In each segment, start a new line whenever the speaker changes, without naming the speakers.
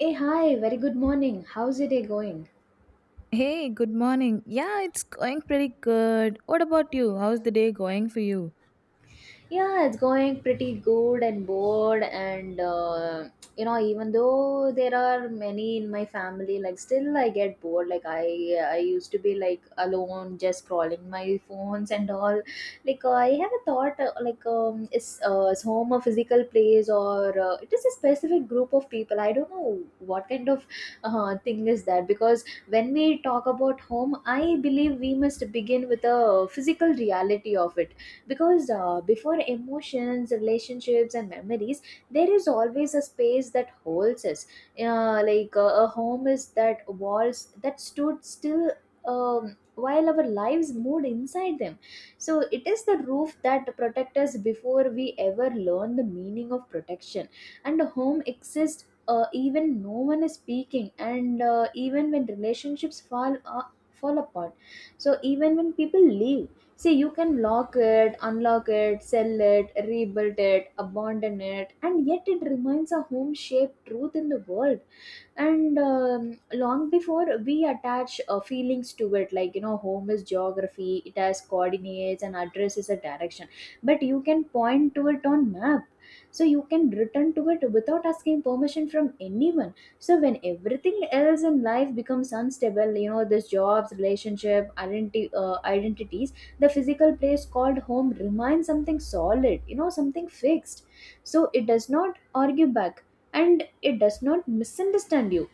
Hey, hi, very good morning. How's your day going?
Hey, good morning. Yeah, it's going pretty good. What about you? How's the day going for you?
Yeah, it's going pretty good and bored, and even though there are many in my family, like still I get bored. I used to be like alone, just scrolling my phones and all. I have a thought, is home a physical place or it is a specific group of people? I don't know what kind of thing is that because when we talk about home, I believe we must begin with a physical reality of it because before emotions relationships and memories there is always a space that holds us. A home is that walls that stood still um, while our lives moved inside them, so it is the roof that protects us before we ever learn the meaning of protection. And a home exists even no one is speaking, and even when relationships fall apart, so even when people leave. See, you can lock it, unlock it, sell it, rebuild it, abandon it, and yet it remains a home shaped truth in the world. And long before we attach feelings to it, like, you know, home is geography. It has coordinates and address is a direction, but you can point to it on map, so you can return to it without asking permission from anyone. So when everything else in life becomes unstable, you know, this jobs relationship identity identities, the physical place called home remains something solid, you know, something fixed. So it does not argue back, and it does not misunderstand you,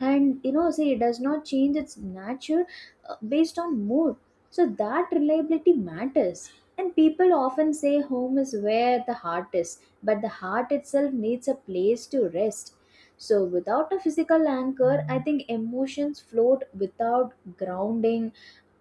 and, you know, say it does not change its nature based on mood. So that reliability matters, and people often say home is where the heart is, but the heart itself needs a place to rest. So without a physical anchor, I think emotions float without grounding.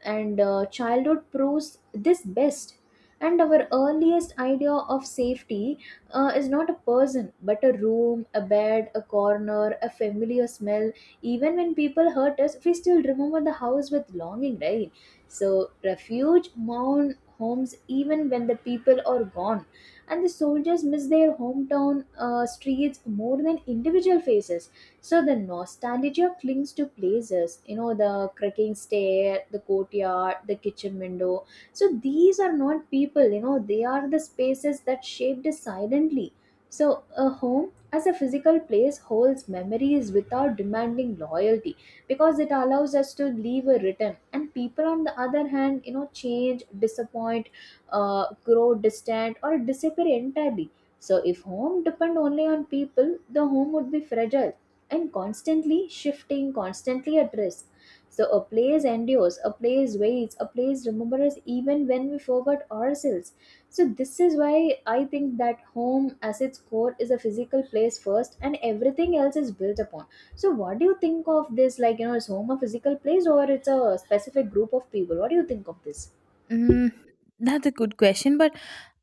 And childhood proves this best, and our earliest idea of safety is not a person, but a room, a bed, a corner, a familiar smell. Even when people hurt us, we still remember the house with longing, right? So refuge mourn homes even when the people are gone, and the soldiers miss their hometown streets more than individual faces. So the nostalgia clings to places, you know, the cracking stair, the courtyard, the kitchen window. So these are not people, you know, they are the spaces that shaped us silently. So a home as a physical place holds memories without demanding loyalty, because it allows us to leave a return. And people, on the other hand, you know, change, disappoint, grow distant, or disappear entirely. So if home depend only on people, the home would be fragile and constantly shifting, constantly at risk. So a place endures, a place waits, a place remembers even when we forgot ourselves. So this is why I think that home as its core is a physical place first and everything else is built upon. So what do you think of this? Like, you know, is home a physical place or it's a specific group of people? What do you think of this?
Mm, that's a good question, but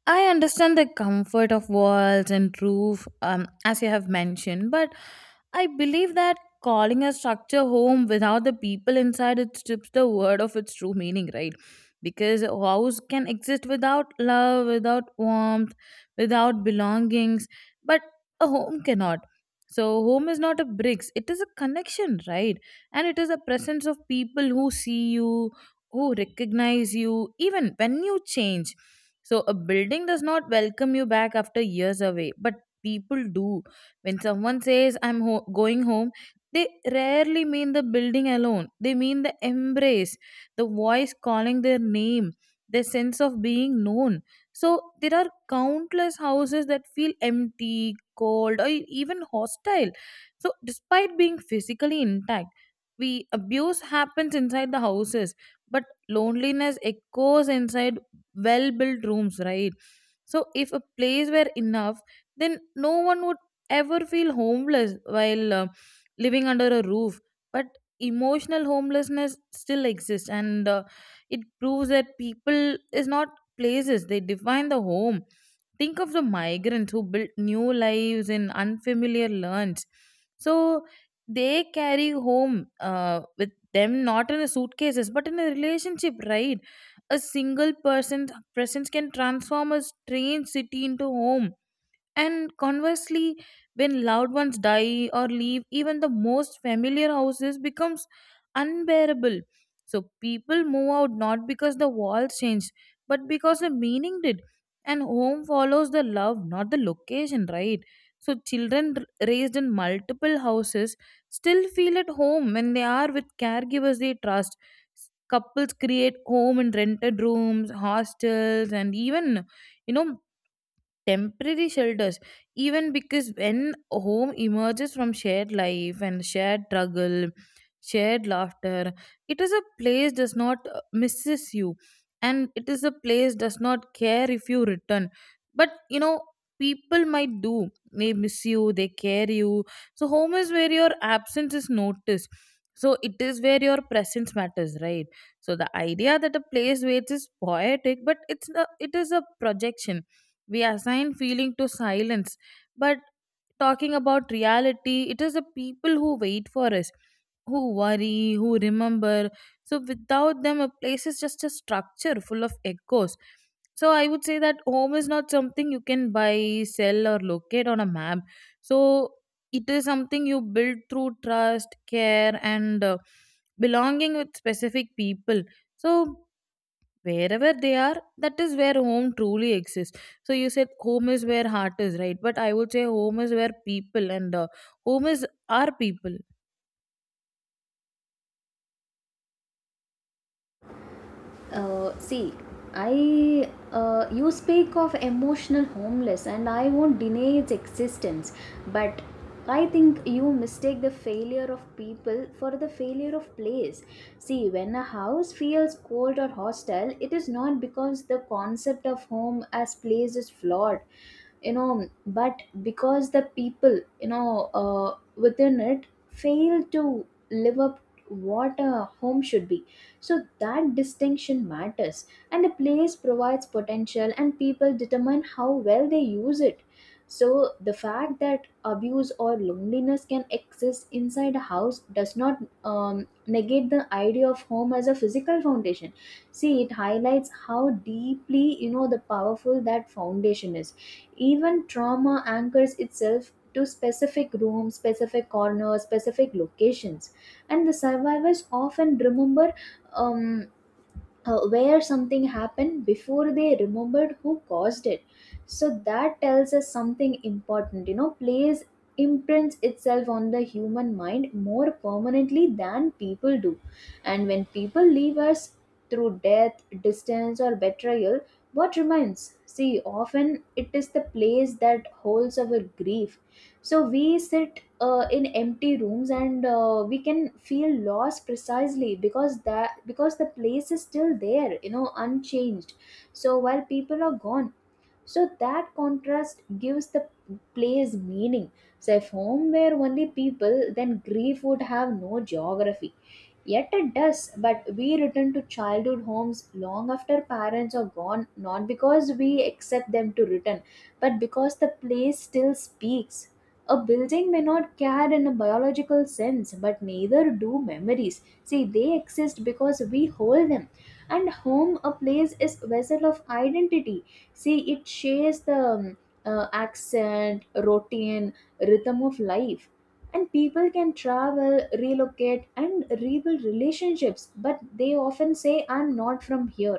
I understand the comfort of walls and roof, as you have mentioned, but I believe that calling a structure home without the people inside it strips the word of its true meaning, right? Because a house can exist without love, without warmth, without belongings, but a home cannot. So, home is not a bricks, it is a connection, right? And it is a presence of people who see you, who recognize you, even when you change. So a building does not welcome you back after years away, but people do. When someone says, going home, they rarely mean the building alone. They mean the embrace, the voice calling their name, their sense of being known. So there are countless houses that feel empty, cold, or even hostile. So despite being physically intact, we abuse happens inside the houses, but loneliness echoes inside well built rooms, right? So if a place were enough, then no one would ever feel homeless while living under a roof, but emotional homelessness still exists, and it proves that people is not places, they define the home. Think of the migrants who built new lives in unfamiliar lands. So they carry home with them, not in a suitcases but in a relationship, right? A single person's presence can transform a strange city into home. And conversely, when loved ones die or leave, even the most familiar houses becomes unbearable. So people move out not because the walls changed, but because the meaning did. And home follows the love, not the location, right? So children raised in multiple houses still feel at home when they are with caregivers they trust. Couples create home in rented rooms, hostels, and even, you know, temporary shelters, even because when home emerges from shared life and shared struggle, shared laughter. It is a place does not misses you, and it is a place does not care if you return. But you know, people might do. They miss you, they care you. So home is where your absence is noticed. So it is where your presence matters, right? So the idea that a place waits is poetic, but it is a projection. We assign feeling to silence, but talking about reality, it is the people who wait for us, who worry, who remember. So without them a place is just a structure full of echoes. So I would say that home is not something you can buy, sell, or locate on a map. So it is something you build through trust, care, and belonging with specific people. So wherever they are, that is where home truly exists. So you said home is where heart is, right? But I would say home is where people, and home is our people.
See, I you speak of emotional homeless, and I won't deny its existence, but I think you mistake the failure of people for the failure of place. See, when a house feels cold or hostile, it is not because the concept of home as place is flawed, you know, but because the people, you know, within it fail to live up what a home should be. So that distinction matters, and a place provides potential and people determine how well they use it. So the fact that abuse or loneliness can exist inside a house does not negate the idea of home as a physical foundation. See, it highlights how deeply, you know, the powerful that foundation is. Even trauma anchors itself to specific rooms, specific corners, specific locations, and the survivors often remember Um, where something happened before they remembered who caused it. So that tells us something important, you know, plays imprints itself on the human mind more permanently than people do. And when people leave us through death distance or betrayal, what remains, see, often it is the place that holds our grief. So we sit in empty rooms, and we can feel lost precisely because the place is still there, you know, unchanged, so while people are gone. So that contrast gives the place meaning. So if home were only people, then grief would have no geography, yet it does. But we return to childhood homes long after parents are gone, not because we accept them to return, but because the place still speaks. A building may not care in a biological sense, but neither do memories. See, they exist because we hold them. And home, a place, is vessel of identity. See, it shares the accent, routine, rhythm of life. And people can travel, relocate, and rebuild relationships, but they often say, I'm not from here.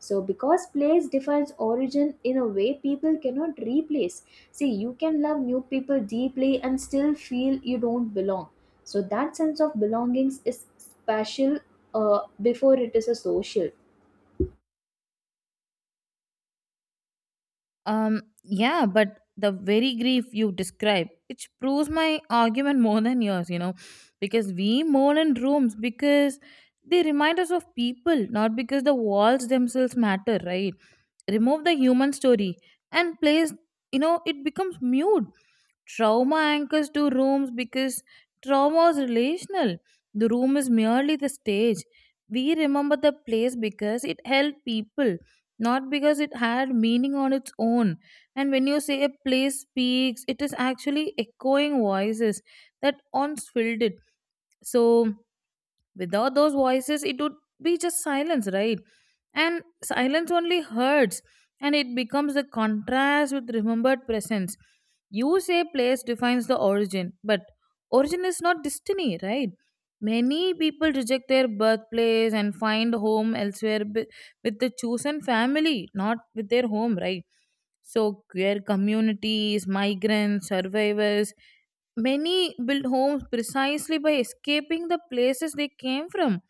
So, because place defines origin in a way people cannot replace. See, you can love new people deeply and still feel you don't belong. So, that sense of belongings is special before it is a social.
yeah, but the very grief you describe, it proves my argument more than yours, you know, because we mourn in rooms because they remind us of people, not because the walls themselves matter, right? Remove the human story, and place, you know, it becomes mute. Trauma anchors to rooms because trauma is relational. The room is merely the stage. We remember the place because it held people, not because it had meaning on its own. And when you say a place speaks, it is actually echoing voices that once filled it. So, without those voices it would be just silence, right? And silence only hurts, and it becomes the contrast with remembered presence. You say place defines the origin, but origin is not destiny, right? Many people reject their birthplace and find home elsewhere, with the chosen family, not with their home, right? So queer communities, migrants, survivors, many built homes precisely by escaping the places they came from.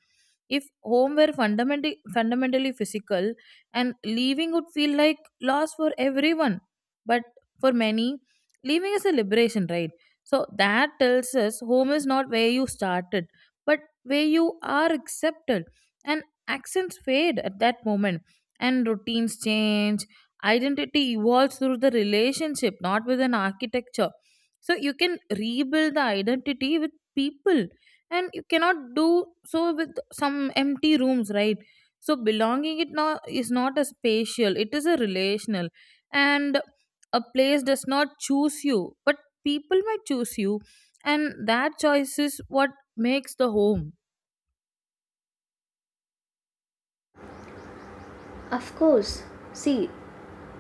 If home were fundamentally physical, and leaving would feel like loss for everyone. But for many, leaving is a liberation, right? So that tells us home is not where you started, but where you are accepted. And accents fade at that moment and routines change. Identity evolves through the relationship, not with an architecture. So you can rebuild the identity with people, and you cannot do so with some empty rooms, right? So belonging it not is not a spatial, it is a relational. And a place does not choose you, but people might choose you, and that choice is what makes the home.
Of course, see,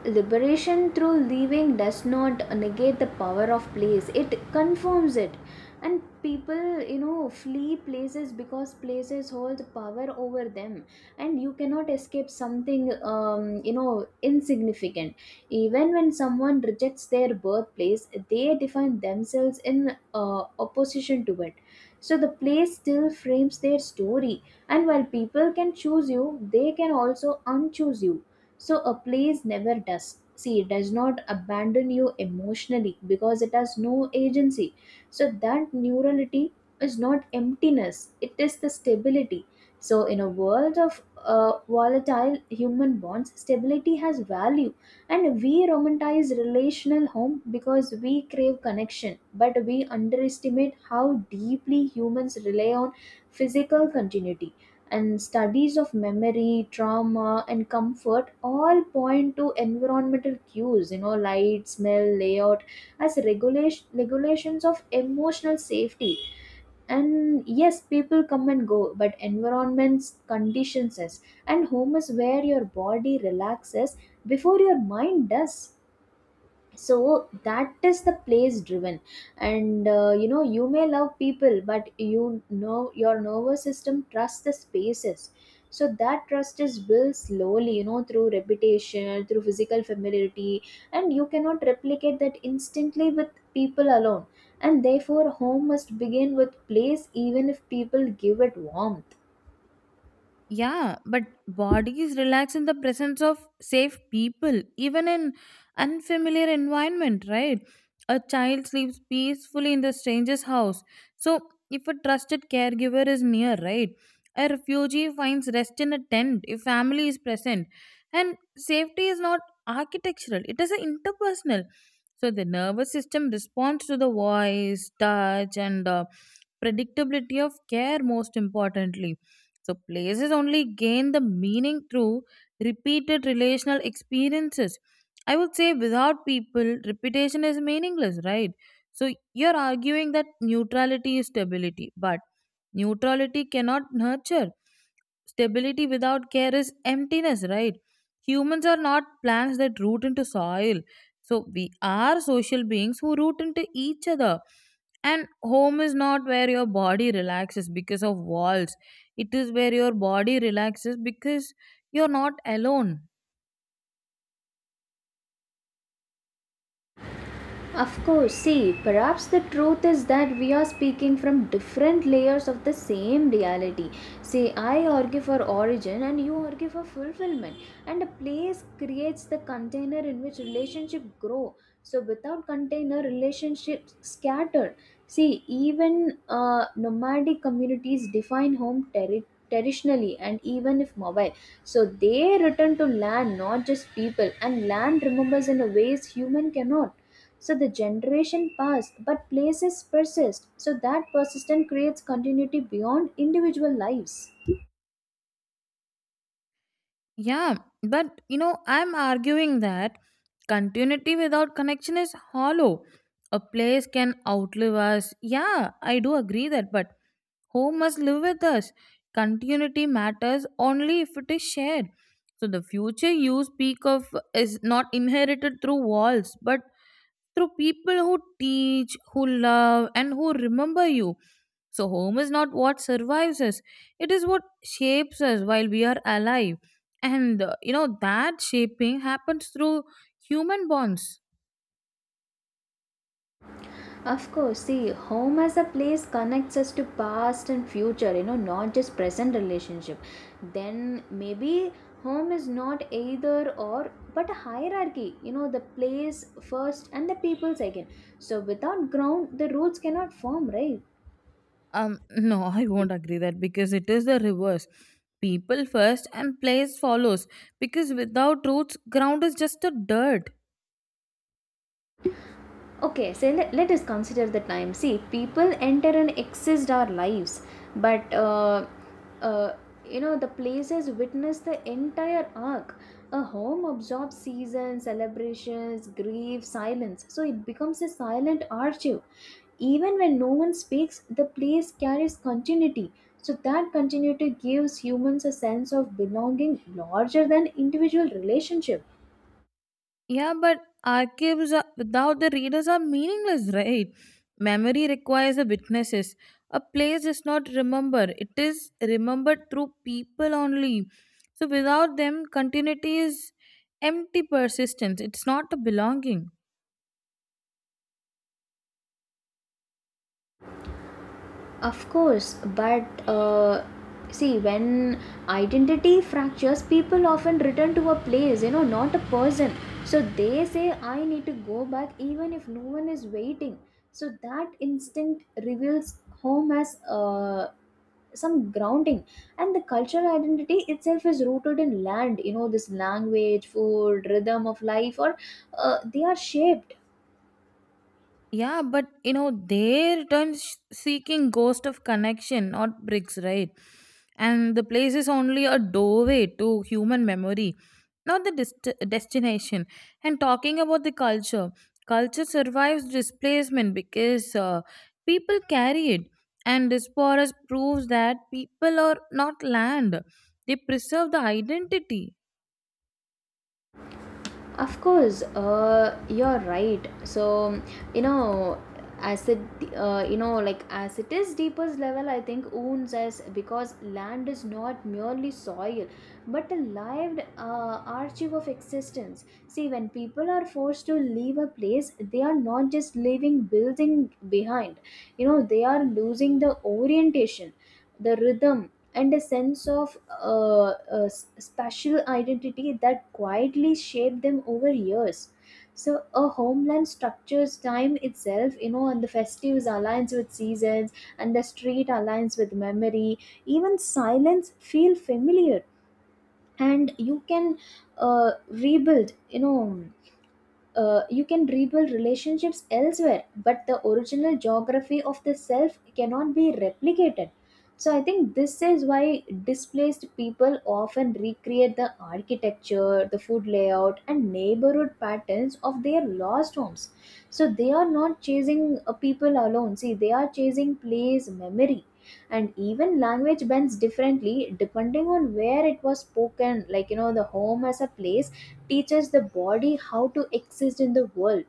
liberation through leaving does not negate the power of place, it confirms it. And people, you know, flee places because places hold power over them, and you cannot escape something you know insignificant. Even when someone rejects their birthplace, they define themselves in opposition to it, so the place still frames their story. And while people can choose you, they can also unchoose you, so a place never does. See, it does not abandon you emotionally because it has no agency. So that neurality is not emptiness, it is the stability. So, in a world of volatile human bonds, stability has value. And we romanticize relational home because we crave connection, but we underestimate how deeply humans rely on physical continuity. And studies of memory trauma and comfort all point to environmental cues, you know, light smell layout, as regulations of emotional safety. And yes, people come and go, but environments conditions us, and home is where your body relaxes before your mind does. So that is the place driven. And you know, you may love people, but, you know, your nervous system trusts the spaces. So that trust is built slowly, you know, through repetition, through physical familiarity, and you cannot replicate that instantly with people alone. And therefore home must begin with place even if people give it warmth.
Yeah, but bodies relax in the presence of safe people, even in unfamiliar environment, right? A child sleeps peacefully in the stranger's house. So, if a trusted caregiver is near, right? A refugee finds rest in a tent if family is present. And safety is not architectural, it is a interpersonal. So, the nervous system responds to the voice, touch, and predictability of care, most importantly. So places only gain the meaning through repeated relational experiences. I would say without people, repetition is meaningless, right? So you're arguing that neutrality is stability, but neutrality cannot nurture. Stability without care is emptiness, right? Humans are not plants that root into soil. So we are social beings who root into each other. And home is not where your body relaxes because of walls. It is where your body relaxes because you're not alone.
Of course, see, perhaps the truth is that we are speaking from different layers of the same reality. See, I argue for origin and you argue for fulfillment, and a place creates the container in which relationships grow. So, without container, relationships scatter. See, even nomadic communities define home terri Traditionally and even if mobile, so they return to land, not just people, and land remembers in a ways human cannot. So the generation passed, but places persist. So that persistence creates continuity beyond individual lives.
Yeah, but you know, I'm arguing that continuity without connection is hollow. A place can outlive us. Yeah, I do agree that, but home must live with us. Continuity matters only if it is shared. So the future you speak of is not inherited through walls, but through people who teach, who love, and who remember you. So, home is not what survives us, it is what shapes us while we are alive. And you know, that shaping happens through human bonds.
Of course, see, home as a place connects us to past and future, you know, not just present relationship. Then maybe home is not either or, but a hierarchy, you know, the place first and the people second. So without ground, the rules cannot form, right?
No, I won't agree that because it is the reverse. People first and place follows because without roots, ground is just a dirt.
Okay, so let us consider the time. See, people enter and exist our lives, but uh, you know, the places witness the entire arc. A home absorbs seasons celebrations grief silence, so it becomes a silent archive. Even when no one speaks, the place carries continuity. So that continuity gives humans a sense of belonging larger than individual relationship.
Yeah, but archives are, without the readers are meaningless, right? Memory requires the witnesses. A place is not remembered, it is remembered through people only. So, without them, continuity is empty persistence, it's not a belonging.
Of course, but see, when identity fractures, people often return to a place, you know, not a person. So they say, I need to go back even if no one is waiting. So that instinct reveals home as some grounding. And the cultural identity itself is rooted in land, you know, this language, food, rhythm of life, or they are shaped.
Yeah, but you know, they return seeking ghost of connection, not bricks, right? And the place is only a doorway to human memory, not the destination. And talking about the culture, culture survives displacement because people carry it. And diasporas proves that people are not land; they preserve the identity.
Of course, you're right. So, you know, as it, you know, like as it is deepest level, I think wounds us because land is not merely soil, but a lived archive of existence. See, when people are forced to leave a place, they are not just leaving building behind. You know, they are losing the orientation, the rhythm, and a sense of special identity that quietly shaped them over years. So a homeland structures time itself, you know, and the festives aligns with seasons, and the street aligns with memory. Even silence feel familiar, and you can rebuild, you can rebuild relationships elsewhere, but the original geography of the self cannot be replicated. So I think this is why displaced people often recreate the architecture, the food layout, and neighborhood patterns of their lost homes. So they are not chasing people alone. See, they are chasing place memory. And even language bends differently depending on where it was spoken. Like, you know, the home as a place teaches the body how to exist in the world.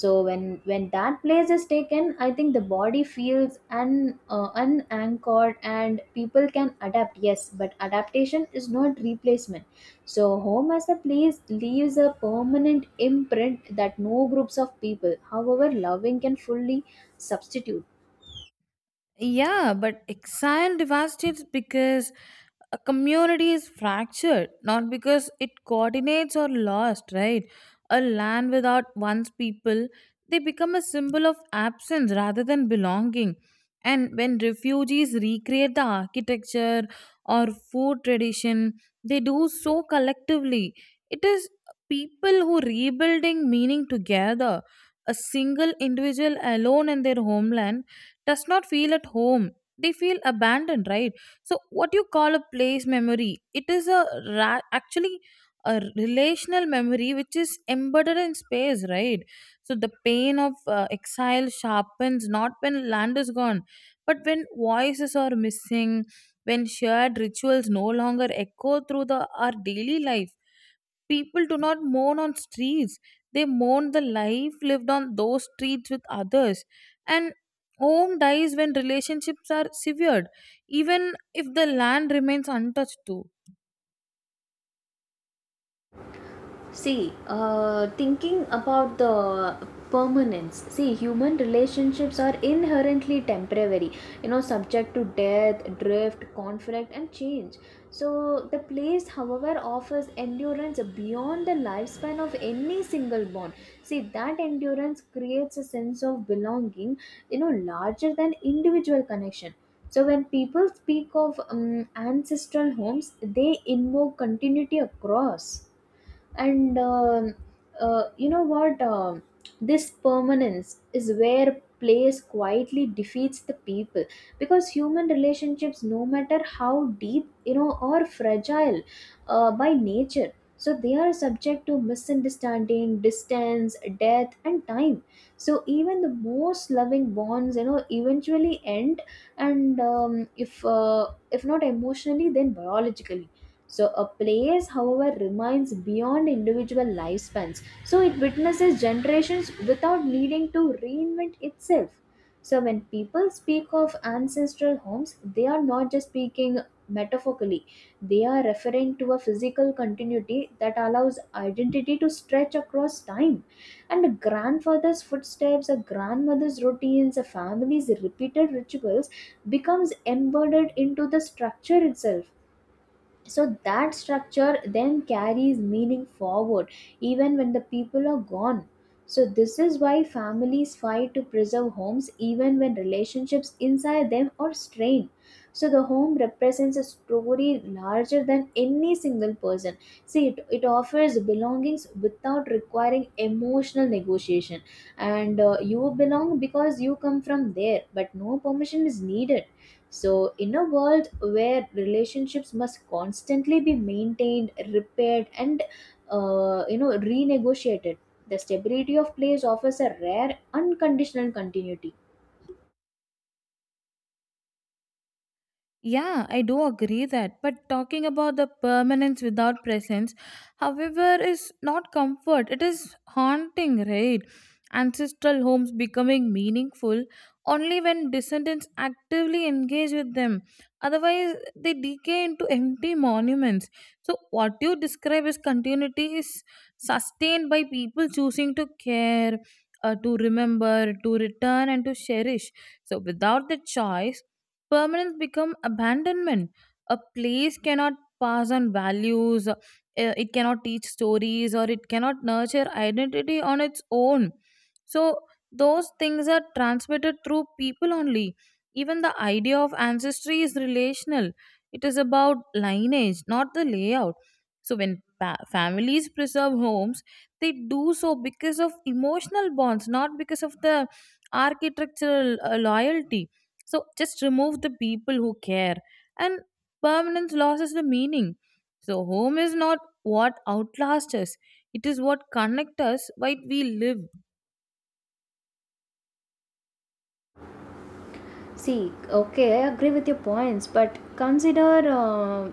So when that place is taken, I think the body feels un- unanchored, and people can adapt, yes, but adaptation is not replacement. So home as a place leaves a permanent imprint that no groups of people, however loving, can fully substitute.
Yeah, but exile devastates because a community is fractured, not because it coordinates or lost, right? A land without one's people, they become a symbol of absence rather than belonging. And when refugees recreate the architecture or food tradition, they do so collectively. It is people who rebuilding meaning together. A single individual alone in their homeland does not feel at home, they feel abandoned, right? So what you call a place memory, it is a actually a relational memory which is embedded in space, right? So the pain of exile sharpens not when land is gone, but when voices are missing, when shared rituals no longer echo through the our daily life. People do not mourn on streets, they mourn the life lived on those streets with others. And home dies when relationships are severed, even if the land remains untouched too.
See, thinking about the permanence, see, human relationships are inherently temporary, you know, subject to death, drift, conflict, and change. So, the place, however, offers endurance beyond the lifespan of any single bond. See, that endurance creates a sense of belonging, you know, larger than individual connection. So, when people speak of ancestral homes, they invoke continuity across. And you know what This permanence is where place quietly defeats the people, because human relationships, no matter how deep, you know, are fragile by nature. So they are subject to misunderstanding, distance, death, and time. So even the most loving bonds, you know, eventually end. And if If not emotionally, then biologically. So, a place, however, remains beyond individual lifespans. So, it witnesses generations without needing to reinvent itself. So, when people speak of ancestral homes, they are not just speaking metaphorically, they are referring to a physical continuity that allows identity to stretch across time. And a grandfather's footsteps, a grandmother's routines, a family's repeated rituals becomes embedded into the structure itself. So that structure then carries meaning forward even when the people are gone. So this is why families fight to preserve homes even when relationships inside them are strained. So the home represents a story larger than any single person. See, it offers belongings without requiring emotional negotiation. And you belong because you come from there, but no permission is needed. So, in a world where relationships must constantly be maintained, repaired, and renegotiated, the stability of place offers a rare unconditional continuity.
Yeah, I do agree that. But talking about the permanence without presence, however, is not comfort. It is haunting, right? Ancestral homes becoming meaningful only when descendants actively engage with them. Otherwise, they decay into empty monuments. So, what you describe as continuity is sustained by people choosing to care, to remember, to return, and to cherish. So, without the choice, permanence become abandonment. A place cannot pass on values, it cannot teach stories, or it cannot nurture identity on its own. So those things are transmitted through people only. Even the idea of ancestry is relational, it is about lineage, not the layout. So when families preserve homes, they do so because of emotional bonds, not because of the architectural loyalty. So just remove the people who care, and permanence loses the meaning. So home is not what outlasts us; it is what connects us while we live.
See, okay, I agree with your points, but consider uh,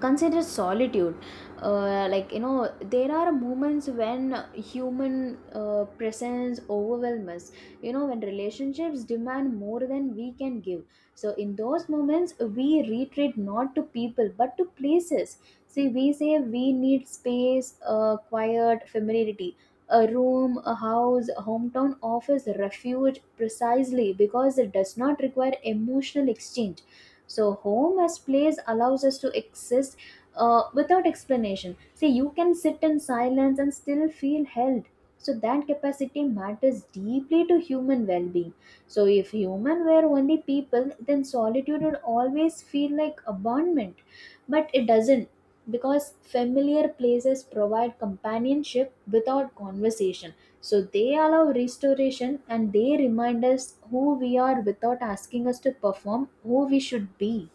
consider solitude. Like, you know, there are moments when human presence overwhelms us, you know, when relationships demand more than we can give. So in those moments we retreat not to people but to places. See, we say we need space, quiet familiarity. A room, a house, a hometown offers refuge precisely because it does not require emotional exchange. So home as place allows us to exist without explanation. Say, you can sit in silence and still feel held. So that capacity matters deeply to human well-being. So if human were only people, then solitude would always feel like abandonment, but it doesn't, because familiar places provide companionship without conversation. So they allow restoration, and they remind us who we are without asking us to perform who we should be.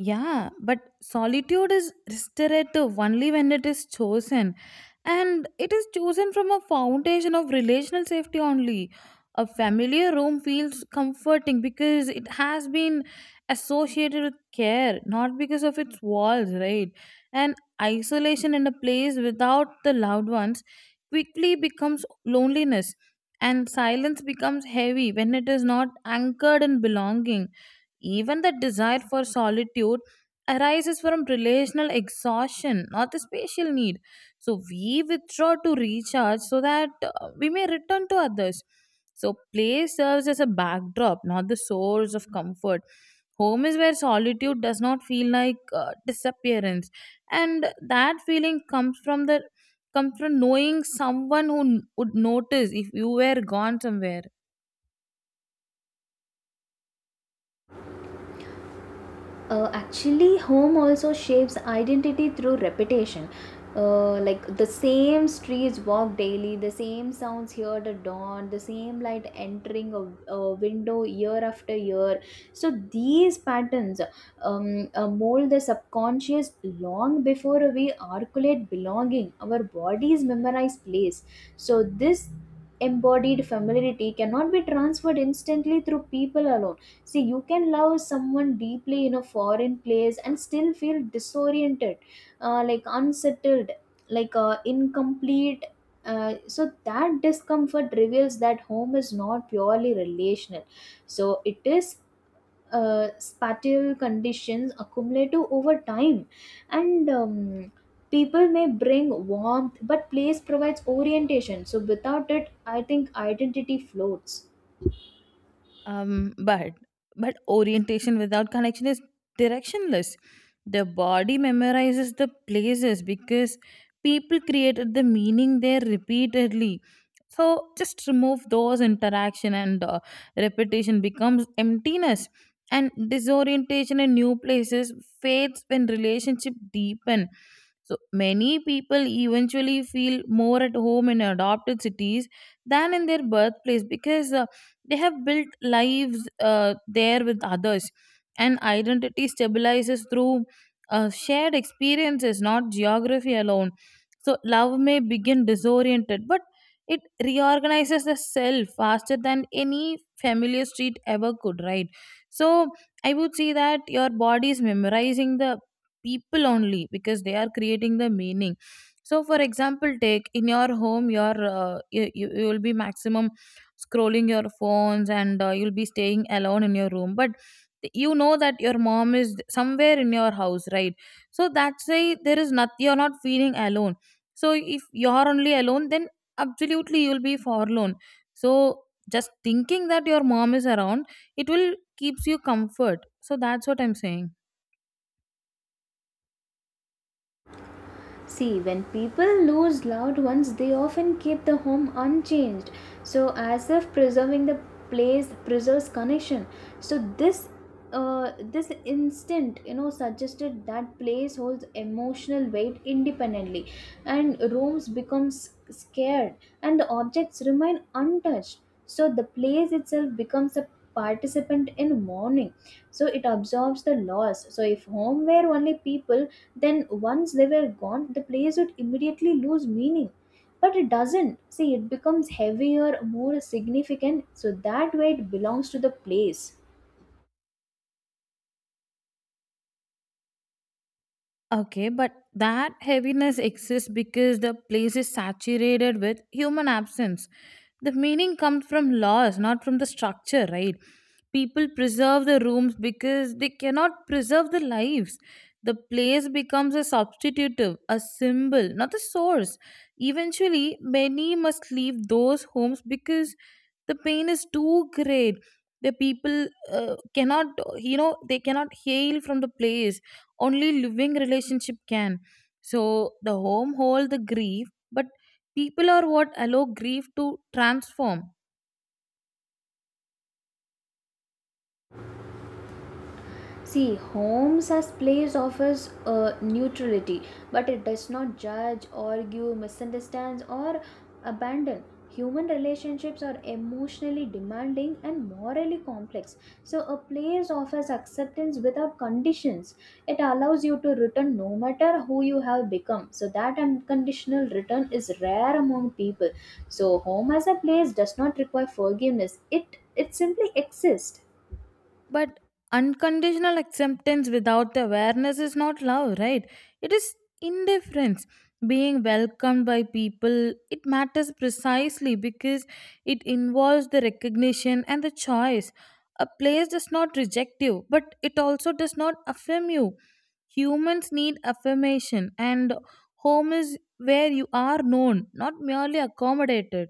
Yeah, but solitude is restorative only when it is chosen. And it is chosen from a foundation of relational safety only. A familiar room feels comforting because it has been associated with care, not because of its walls, right? And isolation in a place without the loved ones quickly becomes loneliness, and silence becomes heavy when it is not anchored in belonging. Even the desire for solitude arises from relational exhaustion, not the spatial need. So we withdraw to recharge so that we may return to others. So play serves as a backdrop, not the source of comfort. Home is where solitude does not feel like disappearance, and that feeling comes from the comes from knowing someone who would notice if you were gone somewhere.
Actually, home also shapes identity through repetition. Like the same streets walk daily, the same sounds heard at dawn, the same light entering a window year after year. So these patterns mold the subconscious long before we articulate belonging. Our bodies memorize place. So this embodied familiarity cannot be transferred instantly through people alone. See, you can love someone deeply in a foreign place and still feel disoriented, like unsettled, like incomplete. So that discomfort reveals that home is not purely relational. So it is spatial conditions accumulate over time, and people may bring warmth, but place provides orientation. So without it, I think identity floats.
Um, but but orientation without connection is directionless. The body memorizes the places because people created the meaning there repeatedly. So just remove those interaction, and repetition becomes emptiness, and disorientation in new places fades when relationship deepen. So many people eventually feel more at home in adopted cities than in their birthplace because they have built lives there with others, and identity stabilizes through shared experiences, not geography alone. So love may begin disoriented, but it reorganizes the self faster than any familiar street ever could, right? So I would say that your body is memorizing the people only because they are creating the meaning. So for example, take in your home your you will be maximum scrolling your phones, and you'll be staying alone in your room, but you know that your mom is somewhere in your house, right? So that's why there is not you're not feeling alone. So if you're only alone, then absolutely you'll be forlorn. So just thinking that your mom is around, it will keeps you comfort. So that's what I'm saying.
See, when people lose loved ones, they often keep the home unchanged, so as if preserving the place preserves connection. So this instant, you know, suggested that place holds emotional weight independently. And rooms become s- scared, and the objects remain untouched. So the place itself becomes a participant in mourning. So it absorbs the loss. So if home were only people, then once they were gone the plays would immediately lose meaning, but it doesn't. See, it becomes heavier, more significant. So that way it belongs to the place.
Okay, but that heaviness exists because the place is saturated with human absence. The meaning comes from loss, not from the structure, right? People preserve the rooms because they cannot preserve the lives. The place becomes a substitutive, a symbol, not the source. Eventually, many must leave those homes because the pain is too great. The people cannot, you know, they cannot heal from the place, only living relationship can. So the home hold the grief, but people are what allow grief to transform.
See, homes as place offers neutrality, but it does not judge, argue, misunderstands, or abandon. Human relationships are emotionally demanding and morally complex. So a place offers acceptance without conditions. It allows you to return no matter who you have become. So that unconditional return is rare among people. So home as a place does not require forgiveness. It simply exists.
But unconditional acceptance without the awareness is not love, right? It is indifference. Being welcomed by people, it matters precisely because it involves the recognition and the choice. A place does not reject you, but it also does not affirm you. Humans need affirmation, and home is where you are known, not merely accommodated.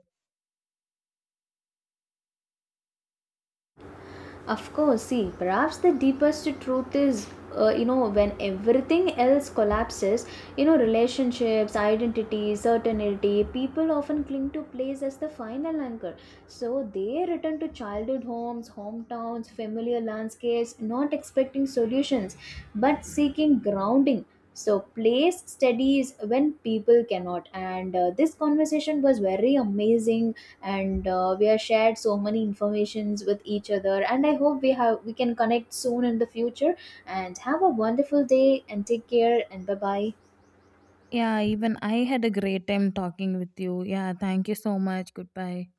Of course, see, perhaps the deepest truth is, you know, when everything else collapses, you know, relationships, identity, certainty, people often cling to place as the final anchor. So they return to childhood homes, hometowns, familiar landscapes, not expecting solutions, but seeking grounding. So place steadies when people cannot, and this conversation was very amazing, and we have shared so many informations with each other, and I hope we can connect soon in the future, and have a wonderful day, and take care, and bye bye.
Yeah, even I had a great time talking with you. Yeah, thank you so much. Goodbye.